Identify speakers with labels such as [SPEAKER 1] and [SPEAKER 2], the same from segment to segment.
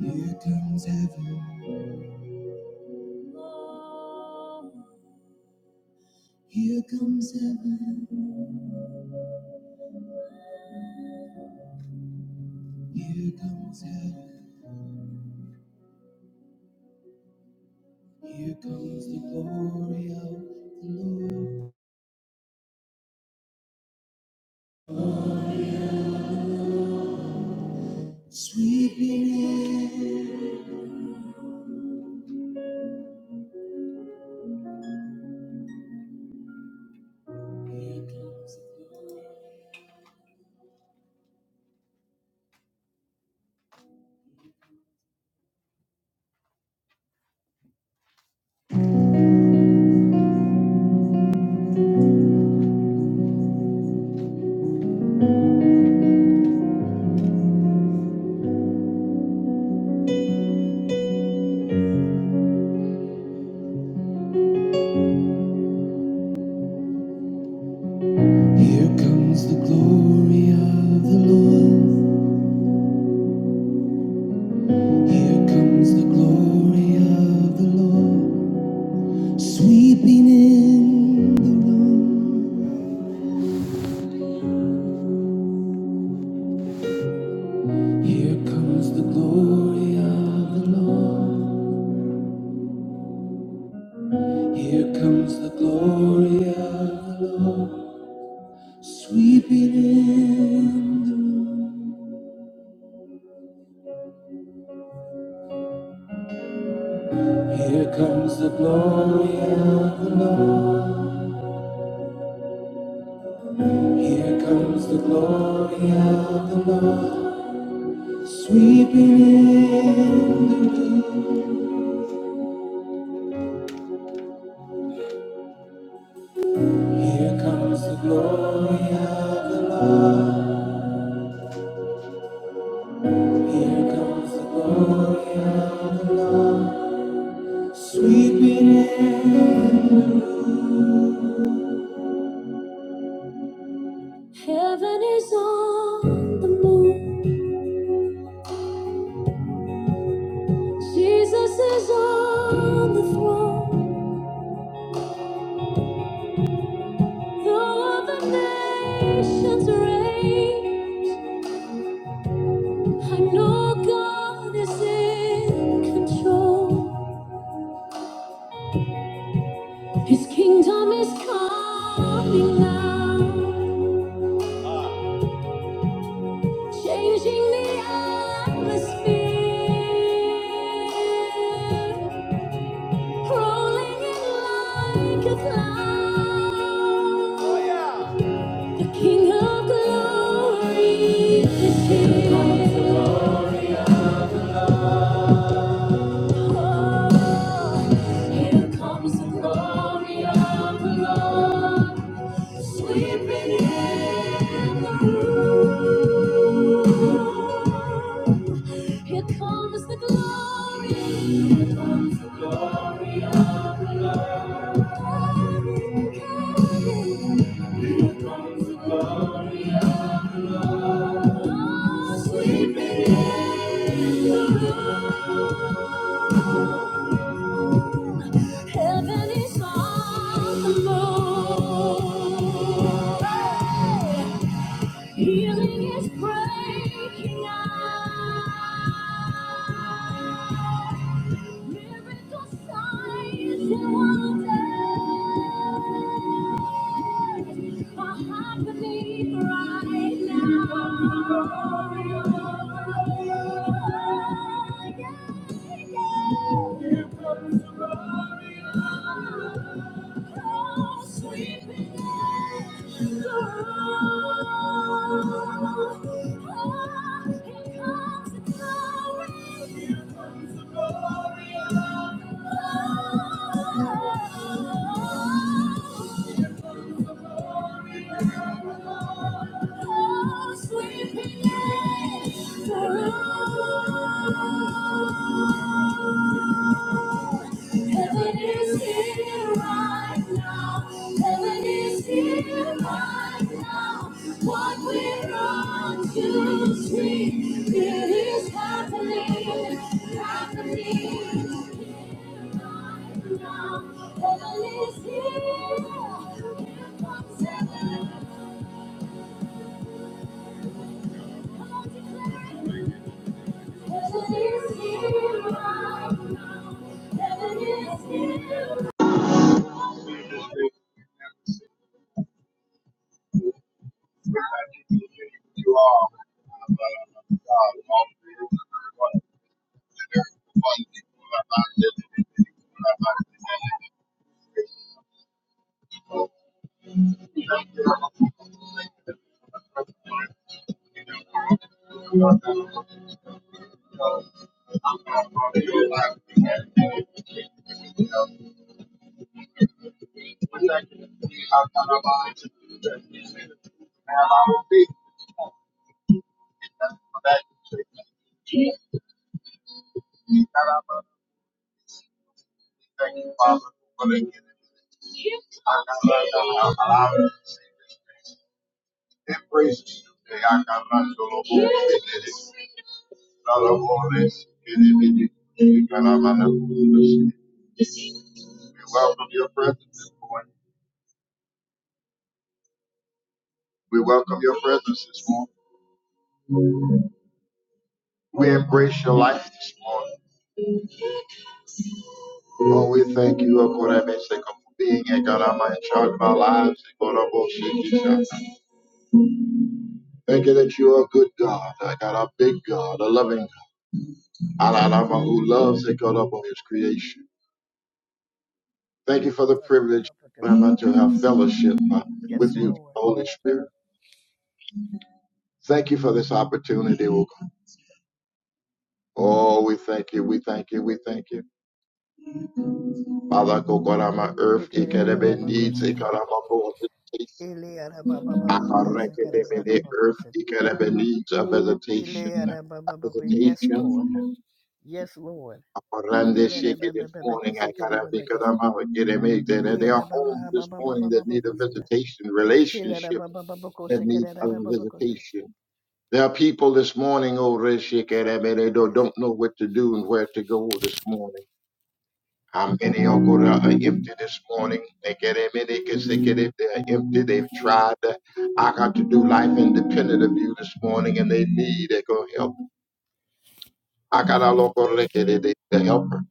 [SPEAKER 1] Here comes heaven, here comes heaven, here comes heaven, here comes the glory of sweeping in. Here comes the glory of the Lord, here comes the glory of the Lord, sweeping in the room. Here comes the glory of the Lord, here comes the glory of the Lord. Sweeping in the room. Here comes the glory of the Lord. Here comes the glory of the Lord. Sweeping in the room. Here comes the glory of the Lord. Here comes the glory of the Lord. Sweeping in the room. Jesus is on the throne. Though the nations rage, I know God is in control. His kingdom is coming now, changing the atmosphere, rolling in like a cloud. The King of Glory is here. Here comes the glory of the Lord, sweeping in the room. Here comes the glory, oh, sweeping in the room. Heaven is on. Thank you, Father, for the gift. I got allowed to see this day. Embrace this new day. I got my solo voice. Not a voice. we welcome your presence this morning. We welcome your presence this morning. We embrace your life this morning. Oh, we thank you, oh God, I may say, come for being a God, I'm in charge of our lives. oh God, I'm all shaking, shaking. Thank you that you are a good God. I got a big God, a loving God, a lover who loves a God upon his creation. Thank you for the
[SPEAKER 2] Baba
[SPEAKER 1] privilege
[SPEAKER 2] Baba
[SPEAKER 1] Lord,
[SPEAKER 2] Pakasita.
[SPEAKER 1] to have fellowship uh,
[SPEAKER 2] Yes,
[SPEAKER 1] with you,
[SPEAKER 2] Lord.
[SPEAKER 1] Holy Spirit. Thank you for this opportunity, oh God. Oh, we thank you, we thank you, we thank you. Father, go God, I'm on my earth, it can
[SPEAKER 2] Tikiriara
[SPEAKER 1] have been
[SPEAKER 2] Baba
[SPEAKER 1] needs, it can
[SPEAKER 2] Kusita.
[SPEAKER 1] have a
[SPEAKER 2] Iliara Baba Baba Bakasikara Baba
[SPEAKER 1] Aharekebele earth
[SPEAKER 2] Bakusita.
[SPEAKER 1] ikarabelita visitation
[SPEAKER 2] Iliara
[SPEAKER 1] a
[SPEAKER 2] Baba Baku. Yes,
[SPEAKER 1] visitation
[SPEAKER 2] Lord.
[SPEAKER 1] from him.
[SPEAKER 2] Yes, Lord.
[SPEAKER 1] Aparande
[SPEAKER 2] Iliara
[SPEAKER 1] shake it
[SPEAKER 2] Baba
[SPEAKER 1] this
[SPEAKER 2] Baba
[SPEAKER 1] morning. I
[SPEAKER 2] Kasikara Baba Kasita.
[SPEAKER 1] karabikadama and There are
[SPEAKER 2] Iliara
[SPEAKER 1] homes
[SPEAKER 2] Baba Baba
[SPEAKER 1] this
[SPEAKER 2] Baba
[SPEAKER 1] morning
[SPEAKER 2] Baba
[SPEAKER 1] that need a
[SPEAKER 2] Bakasita.
[SPEAKER 1] visitation,
[SPEAKER 2] Iliara
[SPEAKER 1] relationships
[SPEAKER 2] Baba Baba
[SPEAKER 1] that need
[SPEAKER 2] Kusikara
[SPEAKER 1] a
[SPEAKER 2] Baba Kusita.
[SPEAKER 1] visitation. There are people this morning, oh Reshikarabele,
[SPEAKER 2] Yes.
[SPEAKER 1] don't know what to do and where to go this morning. How many Uncle that are empty this morning? They get it, many can they get it. They're empty. They've tried. uh, I got to do life independent of you this morning, and they need They go help. I got a local record, the helper.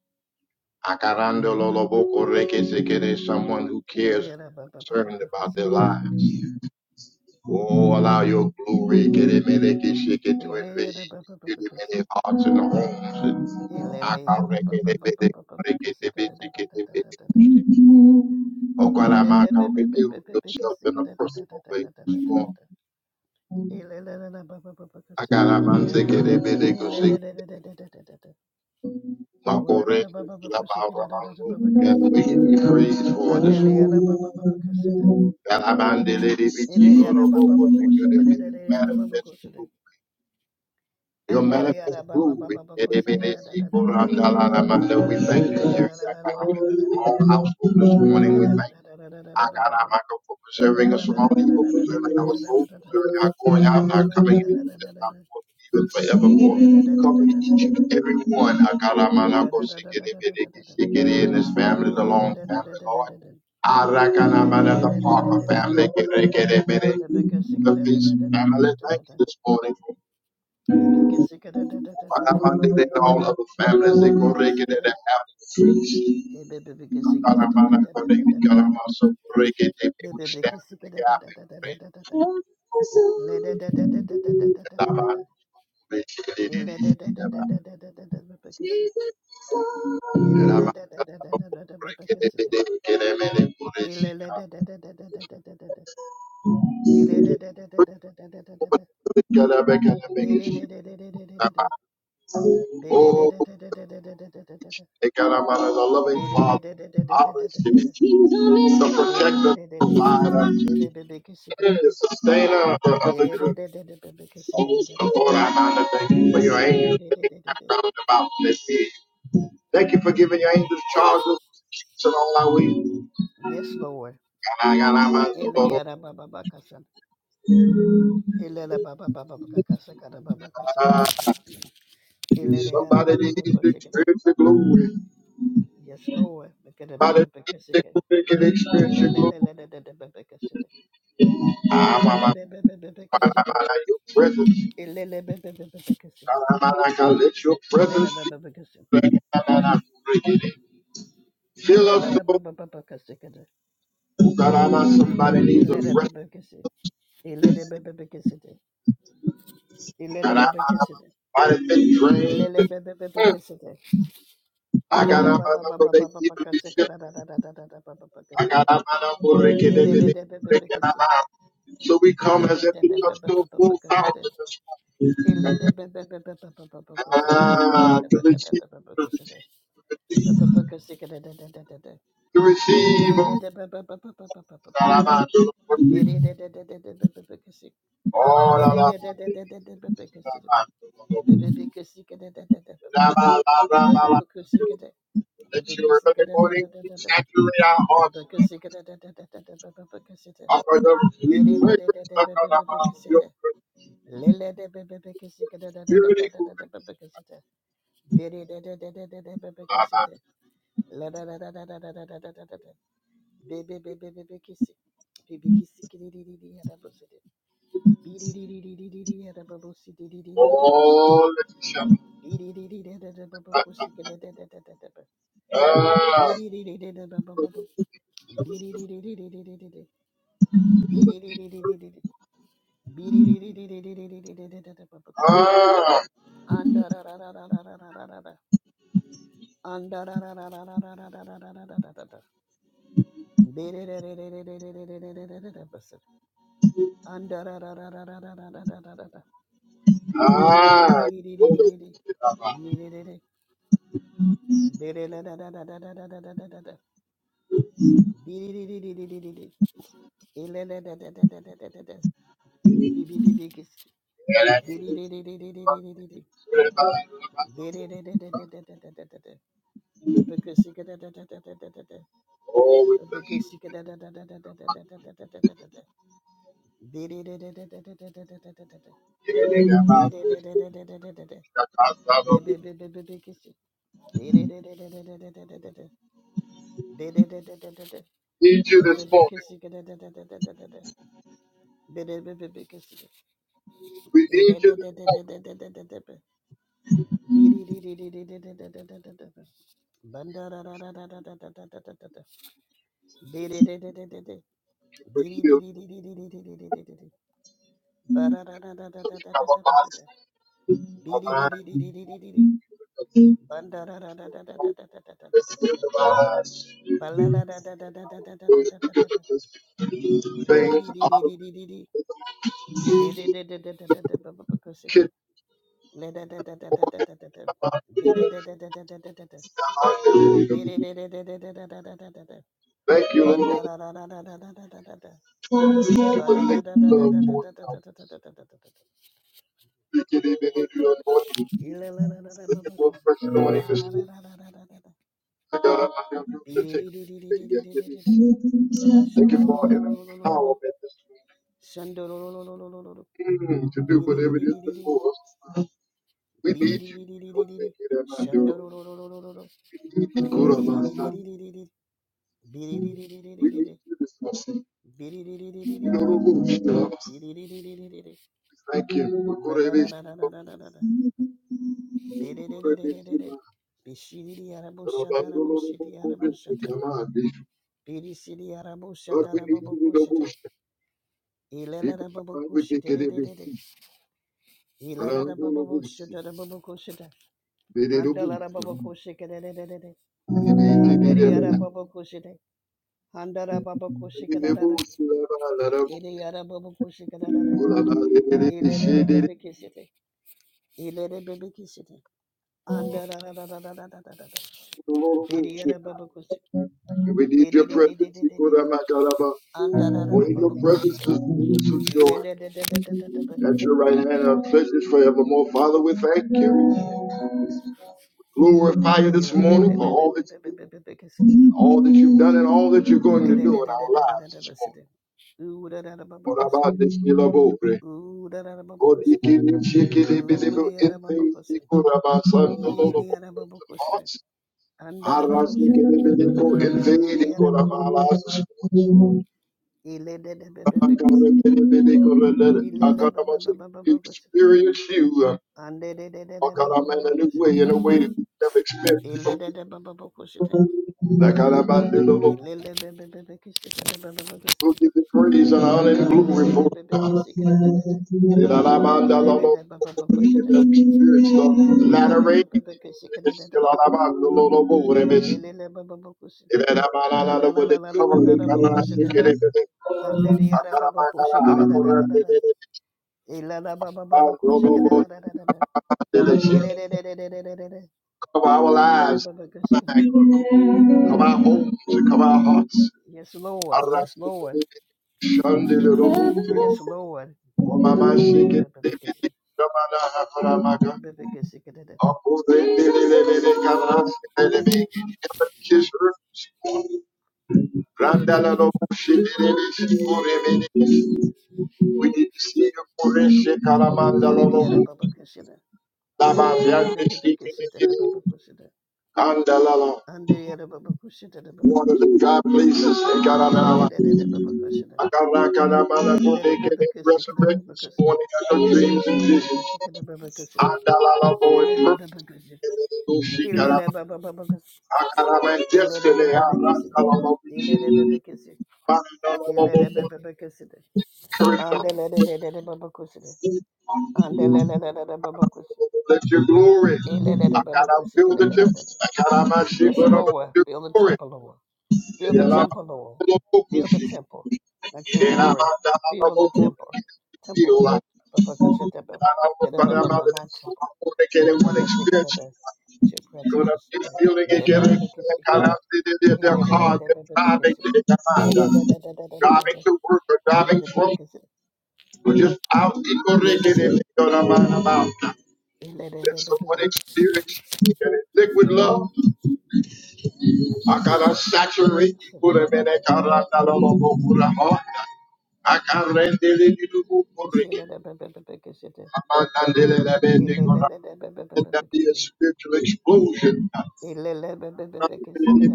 [SPEAKER 1] I got under local records, they get someone who cares,
[SPEAKER 2] Iliara Baba Baba
[SPEAKER 1] concerned about their
[SPEAKER 2] Bakasikara Baba
[SPEAKER 1] lives.
[SPEAKER 2] Kasita.
[SPEAKER 1] Oh, allow your glory, get it, many can shake it to invade.
[SPEAKER 2] Iliara Baba
[SPEAKER 1] Get
[SPEAKER 2] Baba
[SPEAKER 1] it,
[SPEAKER 2] Kusita.
[SPEAKER 1] many hearts and homes. I
[SPEAKER 2] Iliara
[SPEAKER 1] got record,
[SPEAKER 2] Baba Baba
[SPEAKER 1] they get it,
[SPEAKER 2] Baba
[SPEAKER 1] they get it, they
[SPEAKER 2] Bakasikara
[SPEAKER 1] Oh
[SPEAKER 2] Ilele
[SPEAKER 1] God, I'm out to reveal yourself in a personal way. Lord, I got a man ticket and they may they go say, my God, and you feel about Ramon, and we give you praise for this morning. That I'm out there, they be chico, the vocal, they could have been manifest. Your manifest glory. Eremenesikorandalaramanda. We thank you, dear All household this morning, we thank you. Akaramaka, for preserving us from all evil, preserving our soul, preserving our going out and our coming in, and our even
[SPEAKER 2] Baby,
[SPEAKER 1] forevermore. Cover each and every one. Akaramanako, Sikiri, Sikiri, and his family, the long family, Lord. Arakanamana, the Parker family, Kerekere, the Feast family. Thank you this morning. for Alamande de all of the families they go reke de the family trees. Alamana kore de kalamaso reke we stand in the gap and pray. Alama reke si si
[SPEAKER 2] Yes,
[SPEAKER 1] si. oh de kalamana the loving Father. Always to be the protector, provider, and the sustainer of the group. Lord, Father, I honor thank you for your angels that are round about in this city. Thank you for giving your angels charge of us along our way.
[SPEAKER 2] Lord. Eleyara baba bakasan. Elele baba baba bakasa kada baba kasata. Elele yara
[SPEAKER 1] Somebody
[SPEAKER 2] baba
[SPEAKER 1] needs to
[SPEAKER 2] bakasikada.
[SPEAKER 1] experience the glory.
[SPEAKER 2] Yes, Lord. Bakada
[SPEAKER 1] Somebody
[SPEAKER 2] baba
[SPEAKER 1] needs to experience the glory.
[SPEAKER 2] bakasikada. Ele
[SPEAKER 1] Ah, my, my, Your presence. Ah, my, my, Let your presence be Fill us up, God, I'm somebody needs a fresh, God, I'm been drained. Agarabana Bode Ibrahim, Agarabana Borekedebele, Rekenaba. So we come as if we come to a full house in this morning. Ah, to receive, to receive, to receive.
[SPEAKER 2] Bidi
[SPEAKER 1] oh, Agarabana, to receive. Oh, la, la, la, la, la, la, la, la, la, la, la. Let your early morning saturate our hearts. Offer the fragrance of your beauty.
[SPEAKER 2] Bebe bebe bebe kissy. Baby kissy kitty diddy at a bussity. Biddy diddy diddy at a babussy diddy at a bissy.
[SPEAKER 1] Oh, Letitia.
[SPEAKER 2] Biddy diddy at a
[SPEAKER 1] Ah,
[SPEAKER 2] babussy at a
[SPEAKER 1] ah, ah.
[SPEAKER 2] biddy diddy at a babu. Biddy diddy diddy diddy. Biddy diddy diddy diddy. Biddy diddy diddy diddy at a babussy. Under a rada. Under a rada. Biddy diddy diddy diddy at a bussy. Under a rada. Bidi
[SPEAKER 1] Oh, we bless you. We need you
[SPEAKER 2] Bandara
[SPEAKER 1] this morning. We need you this morning for healing. Thank you, Thank you, Lord. Thank you for the lick love pouring out. Thank you, even if you are anointing. Thank you for fresh anointing this morning.
[SPEAKER 2] Shandororororororo.
[SPEAKER 1] To God, I have room to take away yet it is. Thank you for an empowerment this morning mm, to do whatever it is before us. We need you because thank you that I do. Kurabasa. We need to discuss it.
[SPEAKER 2] Biddy
[SPEAKER 1] We don't know
[SPEAKER 2] Biddy
[SPEAKER 1] who she loves. Thank you.
[SPEAKER 2] la la la
[SPEAKER 1] Kurebish.
[SPEAKER 2] la la la la la, la la Biddy
[SPEAKER 1] Kurebishima.
[SPEAKER 2] Bishidi Arabushata
[SPEAKER 1] Rabandolorobo
[SPEAKER 2] Arabushiti
[SPEAKER 1] kurebishi
[SPEAKER 2] Arabushata
[SPEAKER 1] kamadi.
[SPEAKER 2] Biddy City
[SPEAKER 1] But
[SPEAKER 2] Arabushata
[SPEAKER 1] we need to know who
[SPEAKER 2] Arabushita
[SPEAKER 1] she is.
[SPEAKER 2] ilala
[SPEAKER 1] We
[SPEAKER 2] Babakushita
[SPEAKER 1] take it
[SPEAKER 2] ilala
[SPEAKER 1] every
[SPEAKER 2] Bidididididididi.
[SPEAKER 1] sea.
[SPEAKER 2] Bidididididididi. Balalalalalalalala. Bidididididididi. Bishididiyarabushadarabushidiyarabushata. Bidisidiyarambushadarabubukushite. Ilelarabubukushitididididi.
[SPEAKER 1] Randolobusi.
[SPEAKER 2] Ilalarabubushitarabubukushite.
[SPEAKER 1] Dededobusa.
[SPEAKER 2] Handalarabubukushikididididi.
[SPEAKER 1] Didididideba.
[SPEAKER 2] Handariyarabubukushite. Handarabubukushikidadada.
[SPEAKER 1] Didebusi laba larabu.
[SPEAKER 2] Idiyarabubukushikidadada.
[SPEAKER 1] Kulaba dededidishi
[SPEAKER 2] Ilelelebebekisite. Ilelebebekisite. Anda da da da da da da da da da da. Diri ya
[SPEAKER 1] dedididolorobusi.
[SPEAKER 2] da baba kushi.
[SPEAKER 1] We need
[SPEAKER 2] Diri
[SPEAKER 1] your
[SPEAKER 2] di di di
[SPEAKER 1] presence.
[SPEAKER 2] di di di di.
[SPEAKER 1] Kuramakalaba.
[SPEAKER 2] Anda da da
[SPEAKER 1] For
[SPEAKER 2] da
[SPEAKER 1] in your
[SPEAKER 2] baba kushi.
[SPEAKER 1] presence is fullness of joy.
[SPEAKER 2] Ile da da da da da da da da.
[SPEAKER 1] At your right hand are pleasures forevermore. Father, we thank you. Glorify you this
[SPEAKER 2] Ile da
[SPEAKER 1] morning
[SPEAKER 2] be
[SPEAKER 1] for
[SPEAKER 2] be be
[SPEAKER 1] all
[SPEAKER 2] be
[SPEAKER 1] that
[SPEAKER 2] be be
[SPEAKER 1] you
[SPEAKER 2] be
[SPEAKER 1] do,
[SPEAKER 2] be be kushi.
[SPEAKER 1] all that you've done, and all that you're going
[SPEAKER 2] Ile
[SPEAKER 1] to
[SPEAKER 2] da
[SPEAKER 1] do
[SPEAKER 2] da
[SPEAKER 1] in
[SPEAKER 2] da da
[SPEAKER 1] our
[SPEAKER 2] da da da
[SPEAKER 1] lives
[SPEAKER 2] da
[SPEAKER 1] this morning.
[SPEAKER 2] kushi. Ooh da da da baba
[SPEAKER 1] What
[SPEAKER 2] kushi.
[SPEAKER 1] about this Milabore?
[SPEAKER 2] Ooh da da da baba
[SPEAKER 1] God, you
[SPEAKER 2] kushi.
[SPEAKER 1] give me chicken, you give
[SPEAKER 2] Ooh
[SPEAKER 1] me
[SPEAKER 2] di ya baba
[SPEAKER 1] anything,
[SPEAKER 2] kushi.
[SPEAKER 1] you could have our son, the
[SPEAKER 2] Ee
[SPEAKER 1] Lord of
[SPEAKER 2] di ya baba kushi.
[SPEAKER 1] hearts.
[SPEAKER 2] Anda da da baba
[SPEAKER 1] Arras, you
[SPEAKER 2] kushi.
[SPEAKER 1] give me the good, and
[SPEAKER 2] Ile di
[SPEAKER 1] you
[SPEAKER 2] ya da
[SPEAKER 1] could have
[SPEAKER 2] baba
[SPEAKER 1] our
[SPEAKER 2] kushi.
[SPEAKER 1] lives this morning.
[SPEAKER 2] Ile da da be
[SPEAKER 1] I
[SPEAKER 2] be be kushi.
[SPEAKER 1] can't let
[SPEAKER 2] Ile da ba ba ba
[SPEAKER 1] it
[SPEAKER 2] ba ba kushi.
[SPEAKER 1] Experience you.
[SPEAKER 2] Ande de de de de de baba
[SPEAKER 1] way,
[SPEAKER 2] kushi.
[SPEAKER 1] in a way that we never expected from you.
[SPEAKER 2] Elelelebebebekushite.
[SPEAKER 1] That God, I'm the Lord. we
[SPEAKER 2] Elelelebebebekishitebebebekushite.
[SPEAKER 1] give you praise and honor and glory for God.
[SPEAKER 2] Elelelebebekishikitededede.
[SPEAKER 1] That I'm the Lord. We
[SPEAKER 2] Elelelebebebekushite.
[SPEAKER 1] have the latter rain. It's still
[SPEAKER 2] Elelelebebebekishikitedededede.
[SPEAKER 1] the Lord, oh, Lord, and
[SPEAKER 2] Elelelebebebekushi.
[SPEAKER 1] if that I'm out, they cover me? God, I
[SPEAKER 2] Andalalalalalandarabakushite.
[SPEAKER 1] it, if it- I got a I honor for that, if
[SPEAKER 2] Andediyarababakushikitedededede.
[SPEAKER 1] it- Oh, oh,
[SPEAKER 2] Elalabababakushikitedededede. Lelelelelelelelele.
[SPEAKER 1] Cover our lives,
[SPEAKER 2] Leleyarababakushikite.
[SPEAKER 1] cover our homes, and cover our hearts.
[SPEAKER 2] Yes,
[SPEAKER 1] We
[SPEAKER 2] Lord.
[SPEAKER 1] need
[SPEAKER 2] Yes, Lord.
[SPEAKER 1] to
[SPEAKER 2] Yes, Lord.
[SPEAKER 1] see the şamana haramaka.
[SPEAKER 2] Little baby can see it.
[SPEAKER 1] Akurendelelere kavrastıkları beygini keşfırmış. Randala robustu dereli şikure beni. Uyidisi kureşe karamandala
[SPEAKER 2] Ileriara
[SPEAKER 1] robustu.
[SPEAKER 2] Baba kushida.
[SPEAKER 1] Lama
[SPEAKER 2] Ilere baby
[SPEAKER 1] vermişti
[SPEAKER 2] can see
[SPEAKER 1] gibi
[SPEAKER 2] the Baba kushida.
[SPEAKER 1] Andalala.
[SPEAKER 2] Andriara Baba kushida the Baba
[SPEAKER 1] One of the
[SPEAKER 2] kushida.
[SPEAKER 1] God places in
[SPEAKER 2] Ilere
[SPEAKER 1] Caramela.
[SPEAKER 2] the Baba kushida.
[SPEAKER 1] I got rock on our mouth. I know they
[SPEAKER 2] Ilere
[SPEAKER 1] can
[SPEAKER 2] baby can see the
[SPEAKER 1] resurrect
[SPEAKER 2] Baba
[SPEAKER 1] this
[SPEAKER 2] kushida.
[SPEAKER 1] morning. I know dreams
[SPEAKER 2] The
[SPEAKER 1] and
[SPEAKER 2] Baba can
[SPEAKER 1] visions.
[SPEAKER 2] see the Baba kushida.
[SPEAKER 1] Andalalabo
[SPEAKER 2] Ilere
[SPEAKER 1] in
[SPEAKER 2] Baba kushida.
[SPEAKER 1] purpose.
[SPEAKER 2] Ilere
[SPEAKER 1] Ushikaraba.
[SPEAKER 2] Baba Baba kushida.
[SPEAKER 1] Akaraba in
[SPEAKER 2] Ilere
[SPEAKER 1] destiny.
[SPEAKER 2] baby can see. Ilere baby
[SPEAKER 1] Arakalaboshi.
[SPEAKER 2] can see.
[SPEAKER 1] Mandalabo.
[SPEAKER 2] Ilere baby can see.
[SPEAKER 1] Encourage us.
[SPEAKER 2] Andele the Baba Kushida. Andele the Baba Kushida.
[SPEAKER 1] Let your glory. I
[SPEAKER 2] Ilere Baba
[SPEAKER 1] gotta feel the tip.
[SPEAKER 2] Kushida.
[SPEAKER 1] I gotta my sheep,
[SPEAKER 2] Yes,
[SPEAKER 1] but I'm
[SPEAKER 2] Lord.
[SPEAKER 1] your
[SPEAKER 2] Fill the
[SPEAKER 1] glory.
[SPEAKER 2] temple, Lord. Fill the
[SPEAKER 1] And I'm
[SPEAKER 2] temple, Lord.
[SPEAKER 1] a
[SPEAKER 2] Fill the
[SPEAKER 1] Ushi.
[SPEAKER 2] temple. Let your
[SPEAKER 1] And I'm
[SPEAKER 2] glory fill the
[SPEAKER 1] Andalabo.
[SPEAKER 2] temple. Temple.
[SPEAKER 1] Feel like.
[SPEAKER 2] Ba-ba-ka-sa-da-ba.
[SPEAKER 1] I don't know, but I'm out of
[SPEAKER 2] Ba-da-ba-ba-ba, My
[SPEAKER 1] this. I
[SPEAKER 2] temple.
[SPEAKER 1] want to get in one experience.
[SPEAKER 2] Ba-ba-ka-sa-ka-da-da. It's your presence,
[SPEAKER 1] Lord, I'm
[SPEAKER 2] your
[SPEAKER 1] just
[SPEAKER 2] spirit.
[SPEAKER 1] feeling it, get it,
[SPEAKER 2] Da-da-da-ba-ba-ka-sa-da.
[SPEAKER 1] God,
[SPEAKER 2] da
[SPEAKER 1] I'm feeling it, they're
[SPEAKER 2] da da
[SPEAKER 1] caught,
[SPEAKER 2] ba
[SPEAKER 1] they're
[SPEAKER 2] ba ka
[SPEAKER 1] driving,
[SPEAKER 2] sa da
[SPEAKER 1] they're driving, driving
[SPEAKER 2] Da-da-da-da-da-da-da-da-da.
[SPEAKER 1] to work or driving from,
[SPEAKER 2] Da-da-da-ba-ba-ka-sa-da.
[SPEAKER 1] or just out, in the rig, get it, God, I'm out, I'm out.
[SPEAKER 2] Da-da-da-ba-ba-ba-ba.
[SPEAKER 1] Let someone
[SPEAKER 2] Da-da-ba-ba-ba-ba-ka-sa-da.
[SPEAKER 1] experience get it, liquid love, I got to saturate, put them in that car, I'm
[SPEAKER 2] Da-da-da-ba-ba-ba-ba-ka-sa-da.
[SPEAKER 1] not alone, put them on. I can't rent it, you do, put it, I'm not, I'm not, I'm not, I'm not, I'm not, let that be a
[SPEAKER 2] Da-da-da-da-ba-ba-ba-ba-ka-sa-da.
[SPEAKER 1] spiritual explosion.
[SPEAKER 2] Ilele
[SPEAKER 1] Ah, we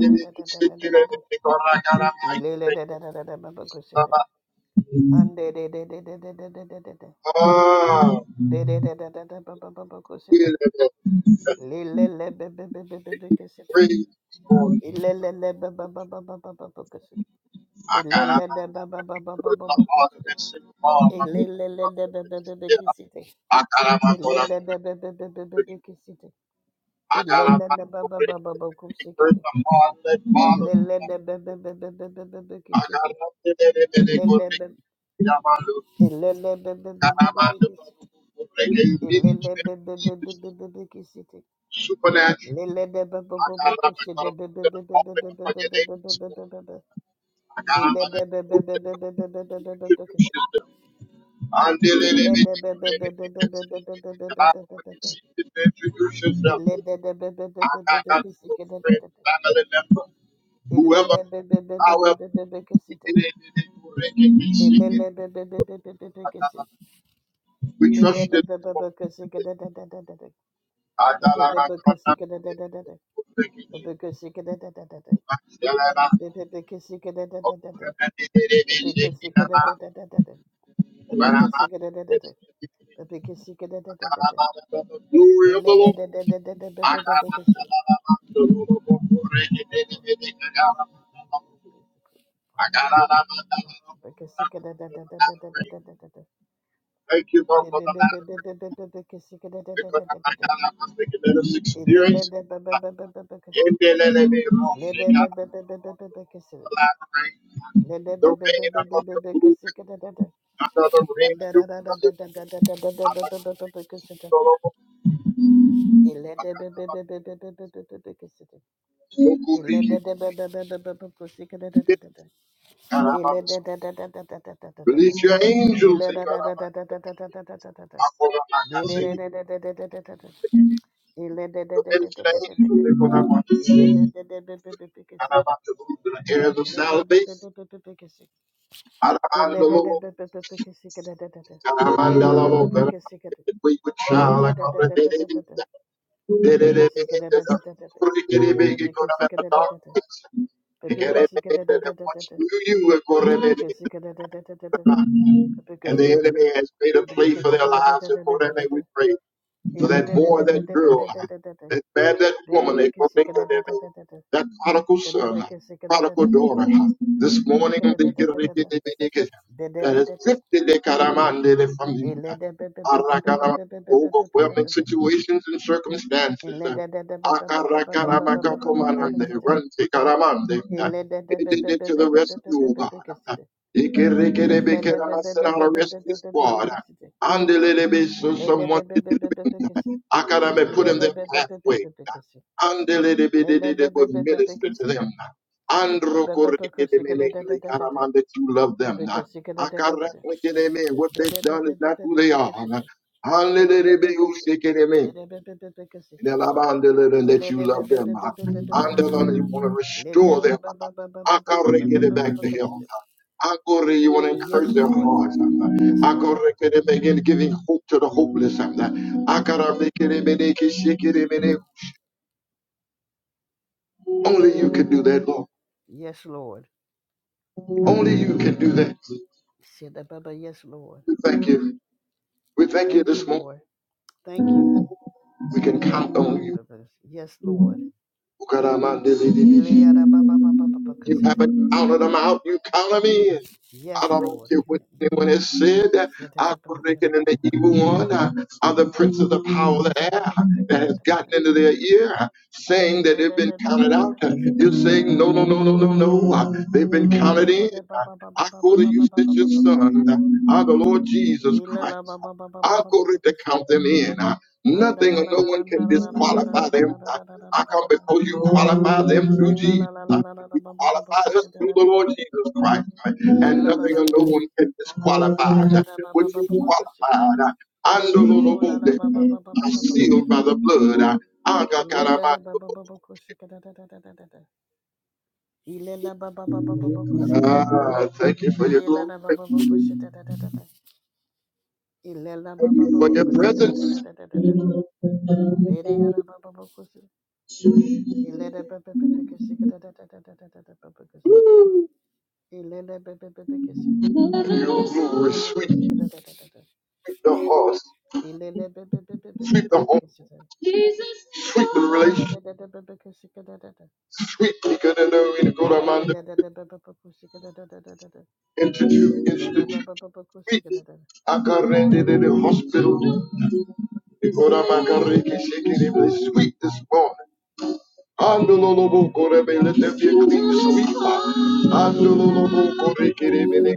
[SPEAKER 1] live in praise, Lord. I got out of my heart of this single mom. I got out of my heart. I got out of my heart. He father. Agarrate de de de de corre,
[SPEAKER 2] Ele
[SPEAKER 1] llamalo, llamalo, corre, que el ministro supernatural. Agarrate para poder hombre para que de Agarrate Introduce yourself. I got out of the friend, family member, whoever, however, we did it, did it, we did it, we see it. We trusted for it. I got out of my contact, did it, we did it. I still have a- Oh, we did it, we did it, we did it. When I'm out, we did it, did did it. The glory of the Lord.
[SPEAKER 2] Lede
[SPEAKER 1] Thank you, Lord, for the latter because I I was thinking that this experience. I it let it be wrong. She got the last rain, the rain of your movement, another
[SPEAKER 2] Ele
[SPEAKER 1] rain of your presence. I like to see you all over. I got about so good. weekend. And I'm a- release your angels. They got about I call them like I can't say, it. your minister angels. They got about and I'm about to move in the areas of salvation. Arabandolo, Karamandalabo, we would shall like on the day. Did
[SPEAKER 2] Bebekisi
[SPEAKER 1] it make it up? Could it get a big economic darkness? It can make it up. Much knew you were correlated. And the enemy has made a plea for their lives. And for that, may we pray for that boy, that girl, that man, that woman, that woman, that prodigal son, prodigal daughter. This morning, they get that has lifted they karamande from you. Arakarama, Overwhelming situations and circumstances. Akarakaramakatomanande, run to karamande. It did it to the rescue, oh God. Ikerikerebekerabasera, our rescue squad. Andelelebe, so someone did- Akadame put in their pathway. Andelelebe did, did- did- would minister to them. Androkorekedemene, that you love them. Akarakedeme, What they've done is not who they are. Andelelebe, usekedeme and that you love them. Andalana, you want to restore them. Akare, get it back to health. Akore, you want to
[SPEAKER 2] Yes,
[SPEAKER 1] encourage their
[SPEAKER 2] Lord.
[SPEAKER 1] hearts.
[SPEAKER 2] Yes,
[SPEAKER 1] Akore,
[SPEAKER 2] Lord.
[SPEAKER 1] get it begin giving hope to the hopeless.
[SPEAKER 2] Yes,
[SPEAKER 1] Akara, make it, make it, shake it, make it. Only you can do that, Lord.
[SPEAKER 2] yes, Lord.
[SPEAKER 1] Only you can do that.
[SPEAKER 2] Shidababa, Yes, Lord.
[SPEAKER 1] We thank you. We thank you
[SPEAKER 2] Thank you,
[SPEAKER 1] this morning.
[SPEAKER 2] Lord. Thank you.
[SPEAKER 1] We can count on you.
[SPEAKER 2] Shidababa, Yes, Lord.
[SPEAKER 1] You
[SPEAKER 2] Eleyadabababababakasita.
[SPEAKER 1] haven't counted them out. You count them in. I
[SPEAKER 2] Yes,
[SPEAKER 1] don't
[SPEAKER 2] Lord.
[SPEAKER 1] care what anyone has said. I
[SPEAKER 2] Shidababa,
[SPEAKER 1] reckon in the evil one uh, are the prince of the power of the air that has gotten
[SPEAKER 2] Elelebebebebebekashikidadadadadadada.
[SPEAKER 1] into their ear, uh, saying that they've been counted out. Uh, You're saying no, no, no,
[SPEAKER 2] Elelebebebebebekashikidadadadadadada.
[SPEAKER 1] no, no, no. Uh, They've been counted in. Uh, I go to you, sent your son,
[SPEAKER 2] Elelebebebebebebekashikidadadadadadadada.
[SPEAKER 1] uh, our the Lord Jesus Christ. I go to
[SPEAKER 2] Elelebebebebebebekashikidadadadadadada.
[SPEAKER 1] count them in. Uh, Nothing or no one can disqualify them. Uh, I come
[SPEAKER 2] Andalalalalalalalalalalalalalalalala.
[SPEAKER 1] before you qualify them through
[SPEAKER 2] Ee la
[SPEAKER 1] Jesus.
[SPEAKER 2] la la la
[SPEAKER 1] Uh,
[SPEAKER 2] la la la
[SPEAKER 1] You
[SPEAKER 2] ba ba ba ba
[SPEAKER 1] qualify
[SPEAKER 2] ko
[SPEAKER 1] us
[SPEAKER 2] da
[SPEAKER 1] through
[SPEAKER 2] da
[SPEAKER 1] the
[SPEAKER 2] da da
[SPEAKER 1] Lord
[SPEAKER 2] da.
[SPEAKER 1] Jesus Christ. Uh,
[SPEAKER 2] Ee
[SPEAKER 1] And
[SPEAKER 2] la la
[SPEAKER 1] nothing
[SPEAKER 2] la la
[SPEAKER 1] or no
[SPEAKER 2] la.
[SPEAKER 1] one can
[SPEAKER 2] Ee la
[SPEAKER 1] disqualify
[SPEAKER 2] la la
[SPEAKER 1] uh,
[SPEAKER 2] la ba
[SPEAKER 1] what
[SPEAKER 2] ba ba
[SPEAKER 1] you
[SPEAKER 2] ba ba ko da.
[SPEAKER 1] qualified. Uh, and the Lord
[SPEAKER 2] Oo la la
[SPEAKER 1] uh,
[SPEAKER 2] ba ba ba ba
[SPEAKER 1] I
[SPEAKER 2] ba ba ba ko
[SPEAKER 1] sealed
[SPEAKER 2] shi
[SPEAKER 1] by
[SPEAKER 2] ka.
[SPEAKER 1] the blood. Uh, I
[SPEAKER 2] Ee
[SPEAKER 1] got
[SPEAKER 2] la
[SPEAKER 1] out of
[SPEAKER 2] la
[SPEAKER 1] my
[SPEAKER 2] la ba ba ba ba ko shi da da da da da da da. Ee la la ba ba ba ba ba ba ko da.
[SPEAKER 1] Ah, thank you for your
[SPEAKER 2] Ee la
[SPEAKER 1] glory.
[SPEAKER 2] la ba
[SPEAKER 1] Thank
[SPEAKER 2] ba ba ko shi
[SPEAKER 1] you
[SPEAKER 2] da da da da da. Ee la la ba ba ba
[SPEAKER 1] for
[SPEAKER 2] ba
[SPEAKER 1] your
[SPEAKER 2] ko da da da
[SPEAKER 1] presence.
[SPEAKER 2] da da da da. Be re ara ba ba ba ko shi. Ee la la ba ba ba ba ko da da da da da da da ba ba ko shi. Ee la la ba ba ba ba ko
[SPEAKER 1] Your
[SPEAKER 2] da da da
[SPEAKER 1] glory,
[SPEAKER 2] ba ba ko
[SPEAKER 1] sweep
[SPEAKER 2] da da da da da.
[SPEAKER 1] the hearts,
[SPEAKER 2] Twenty-one. So
[SPEAKER 1] sweep the heart. Sweet relation, sweet Nicanor, Coramanda, Institute, Institute, sweet Akarende in the hospital, Nicoramakariki, shaking him sweet this morning. Andololobo Korebe, let there be a clean sweet heart.
[SPEAKER 2] I need.
[SPEAKER 1] Andololobo Korekirebe,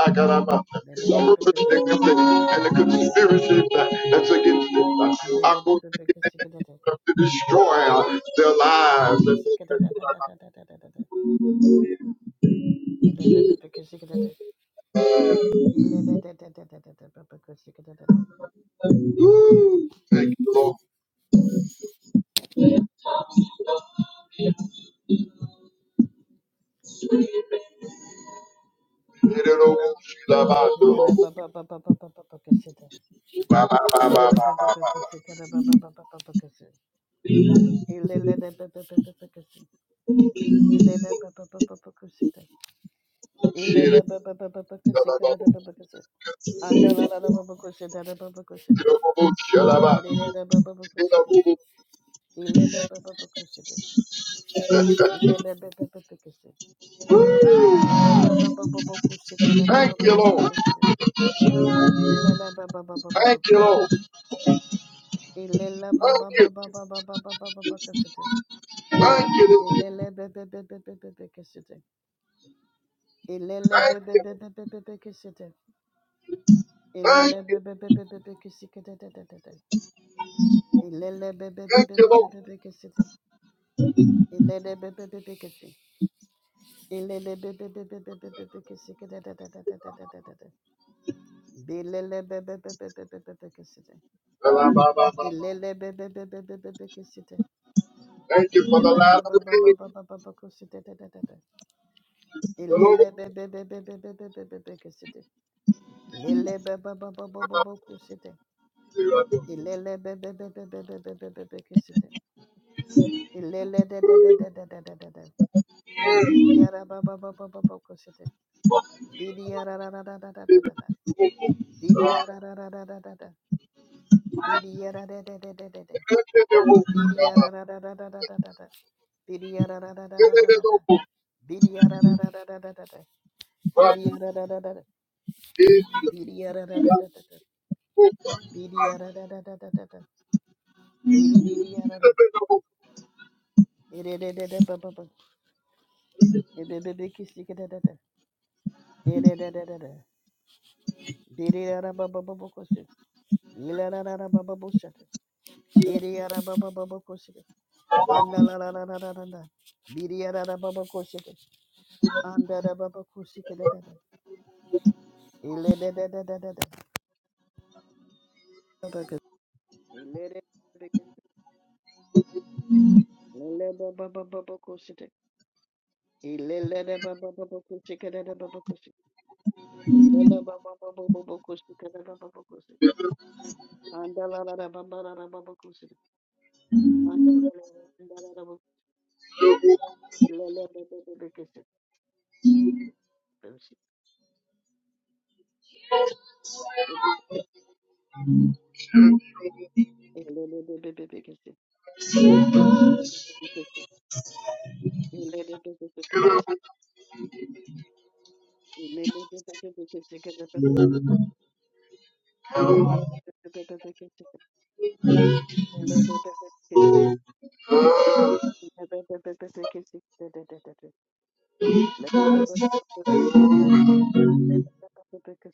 [SPEAKER 1] Akaramanda, so much the complaint and the conspiracy that- that's against it. Akorekirebe, To destroy uh, their lives.
[SPEAKER 2] Because
[SPEAKER 1] Thank you, Lord. Thank you, Lord. Thank
[SPEAKER 2] Ilele Ilele
[SPEAKER 1] you, Lord. Thank you. Thank you. Thank you.
[SPEAKER 2] Ilele bebe bebe bebe bebe kisete.
[SPEAKER 1] Thank
[SPEAKER 2] Ilele
[SPEAKER 1] you.
[SPEAKER 2] bebe bebe bebe kisikete te te te te. Ilele bebe bebe
[SPEAKER 1] Thank you,
[SPEAKER 2] bebe
[SPEAKER 1] Lord.
[SPEAKER 2] bebe kisete. Ilele bebe bebe kisi. Ilele bebe bebe bebe bebe kisikete te te te te te te te te. Bilele bebe bebe bebe bebe kisete. Ilele bebe bebe bebe bebe kisete.
[SPEAKER 1] Thank you for the
[SPEAKER 2] Ilele
[SPEAKER 1] light of the
[SPEAKER 2] baba baba
[SPEAKER 1] day.
[SPEAKER 2] baba baba kisete te te te te.
[SPEAKER 1] The Lord
[SPEAKER 2] Ilele bebe bebe bebe bebe bebe kisete. Lele baba baba baba baba kisete. Ilele be- be- be- be- be- be- be- be- be- be- kesete. Ilele de- de- de- de- de- de- de- de- de. Didi yara ba- ba- ba- ba- ba- ba- kesete. Didi yara ra- ra- ra- ra- ra- ra- ra- ra. Didi yara ra- ra- ra- ra- ra- ra. Didi yara de- de- de- de- de- de.
[SPEAKER 1] is
[SPEAKER 2] Didi yara ra- ra- ra- ra- ra- ra- ra- ra. Didi yara ra- ra- ra- ra- ra- ra- ra. Didi yara ra- ra- ra- ra- ra- ra- ra. Didi yara ra- ra- ra- ra. Didi yara ra- ra- ra- ra- ra. Didi yara ra- ra- ra- ra- ra- ra. Didi- didi yara ra. Ere- re- re- re- ba- ba- ba. Ilele Yes,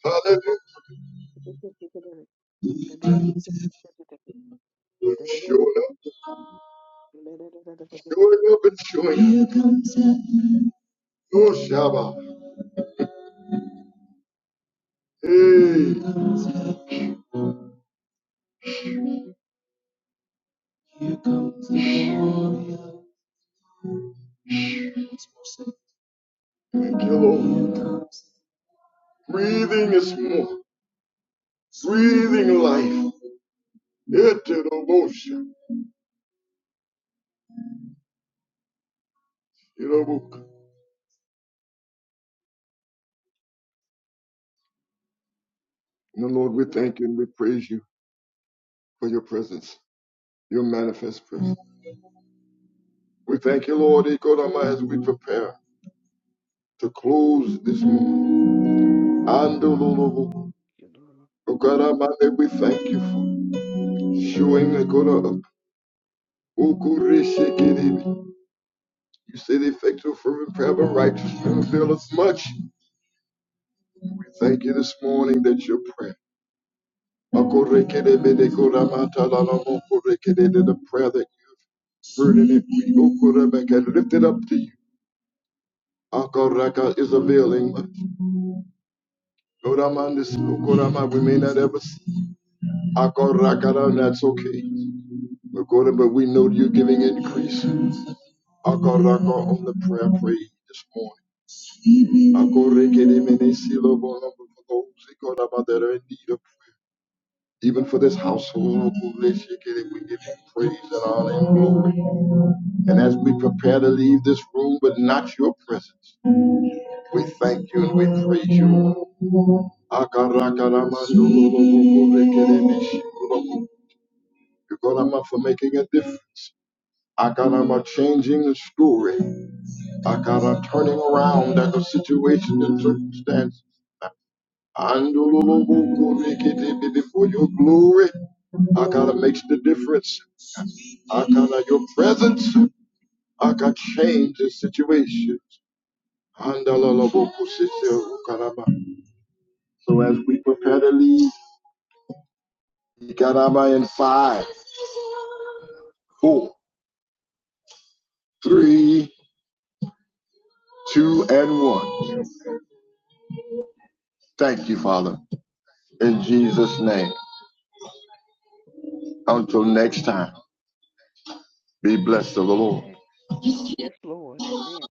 [SPEAKER 1] Hallelujah. Showing up, showing up, and showing up. Oh, Shaba. Hey, thank you, Lord. Breathing is more. Breathing life. Into the motion. You know, And Lord, we thank you and we praise you for your presence, your manifest presence. We thank you, Lord, Ikodama, as we prepare to close this morning. And Lord, we thank you for showing the God up. Ukurishikidibi. You said effective from prayer, but righteous men avail us much. Thank you this morning that your prayer. The prayer that you heard and if we can lift it up to you. Akoraka is availing much. Oramandis, Okorama, We may not ever see. Akoraka, and that's okay. Okora, But we know you're giving increase. Akoraka on the prayer prayed this morning. Akoreke de mene silo bono for those Ikorama, that are in need of prayer. Even for this household, we give you praise and honor and glory. And as we prepare to leave this room, but not your presence, we thank you and we praise you. You're Agarakaramandorobokobekelemishikoroko. for making a difference. Akarama changing the story. Akara turning around at the situation and circumstance. Andolobokobekelebe, For your glory. Akara makes the difference. Akala, your presence I can change the situation. Andalalabokusise ukaraba. So as we prepare to leave, Ikaraba in five, four, three, two, and one. Thank you, Father. In Jesus' name. Until next time, be blessed of the Lord.
[SPEAKER 2] Lord. Amen.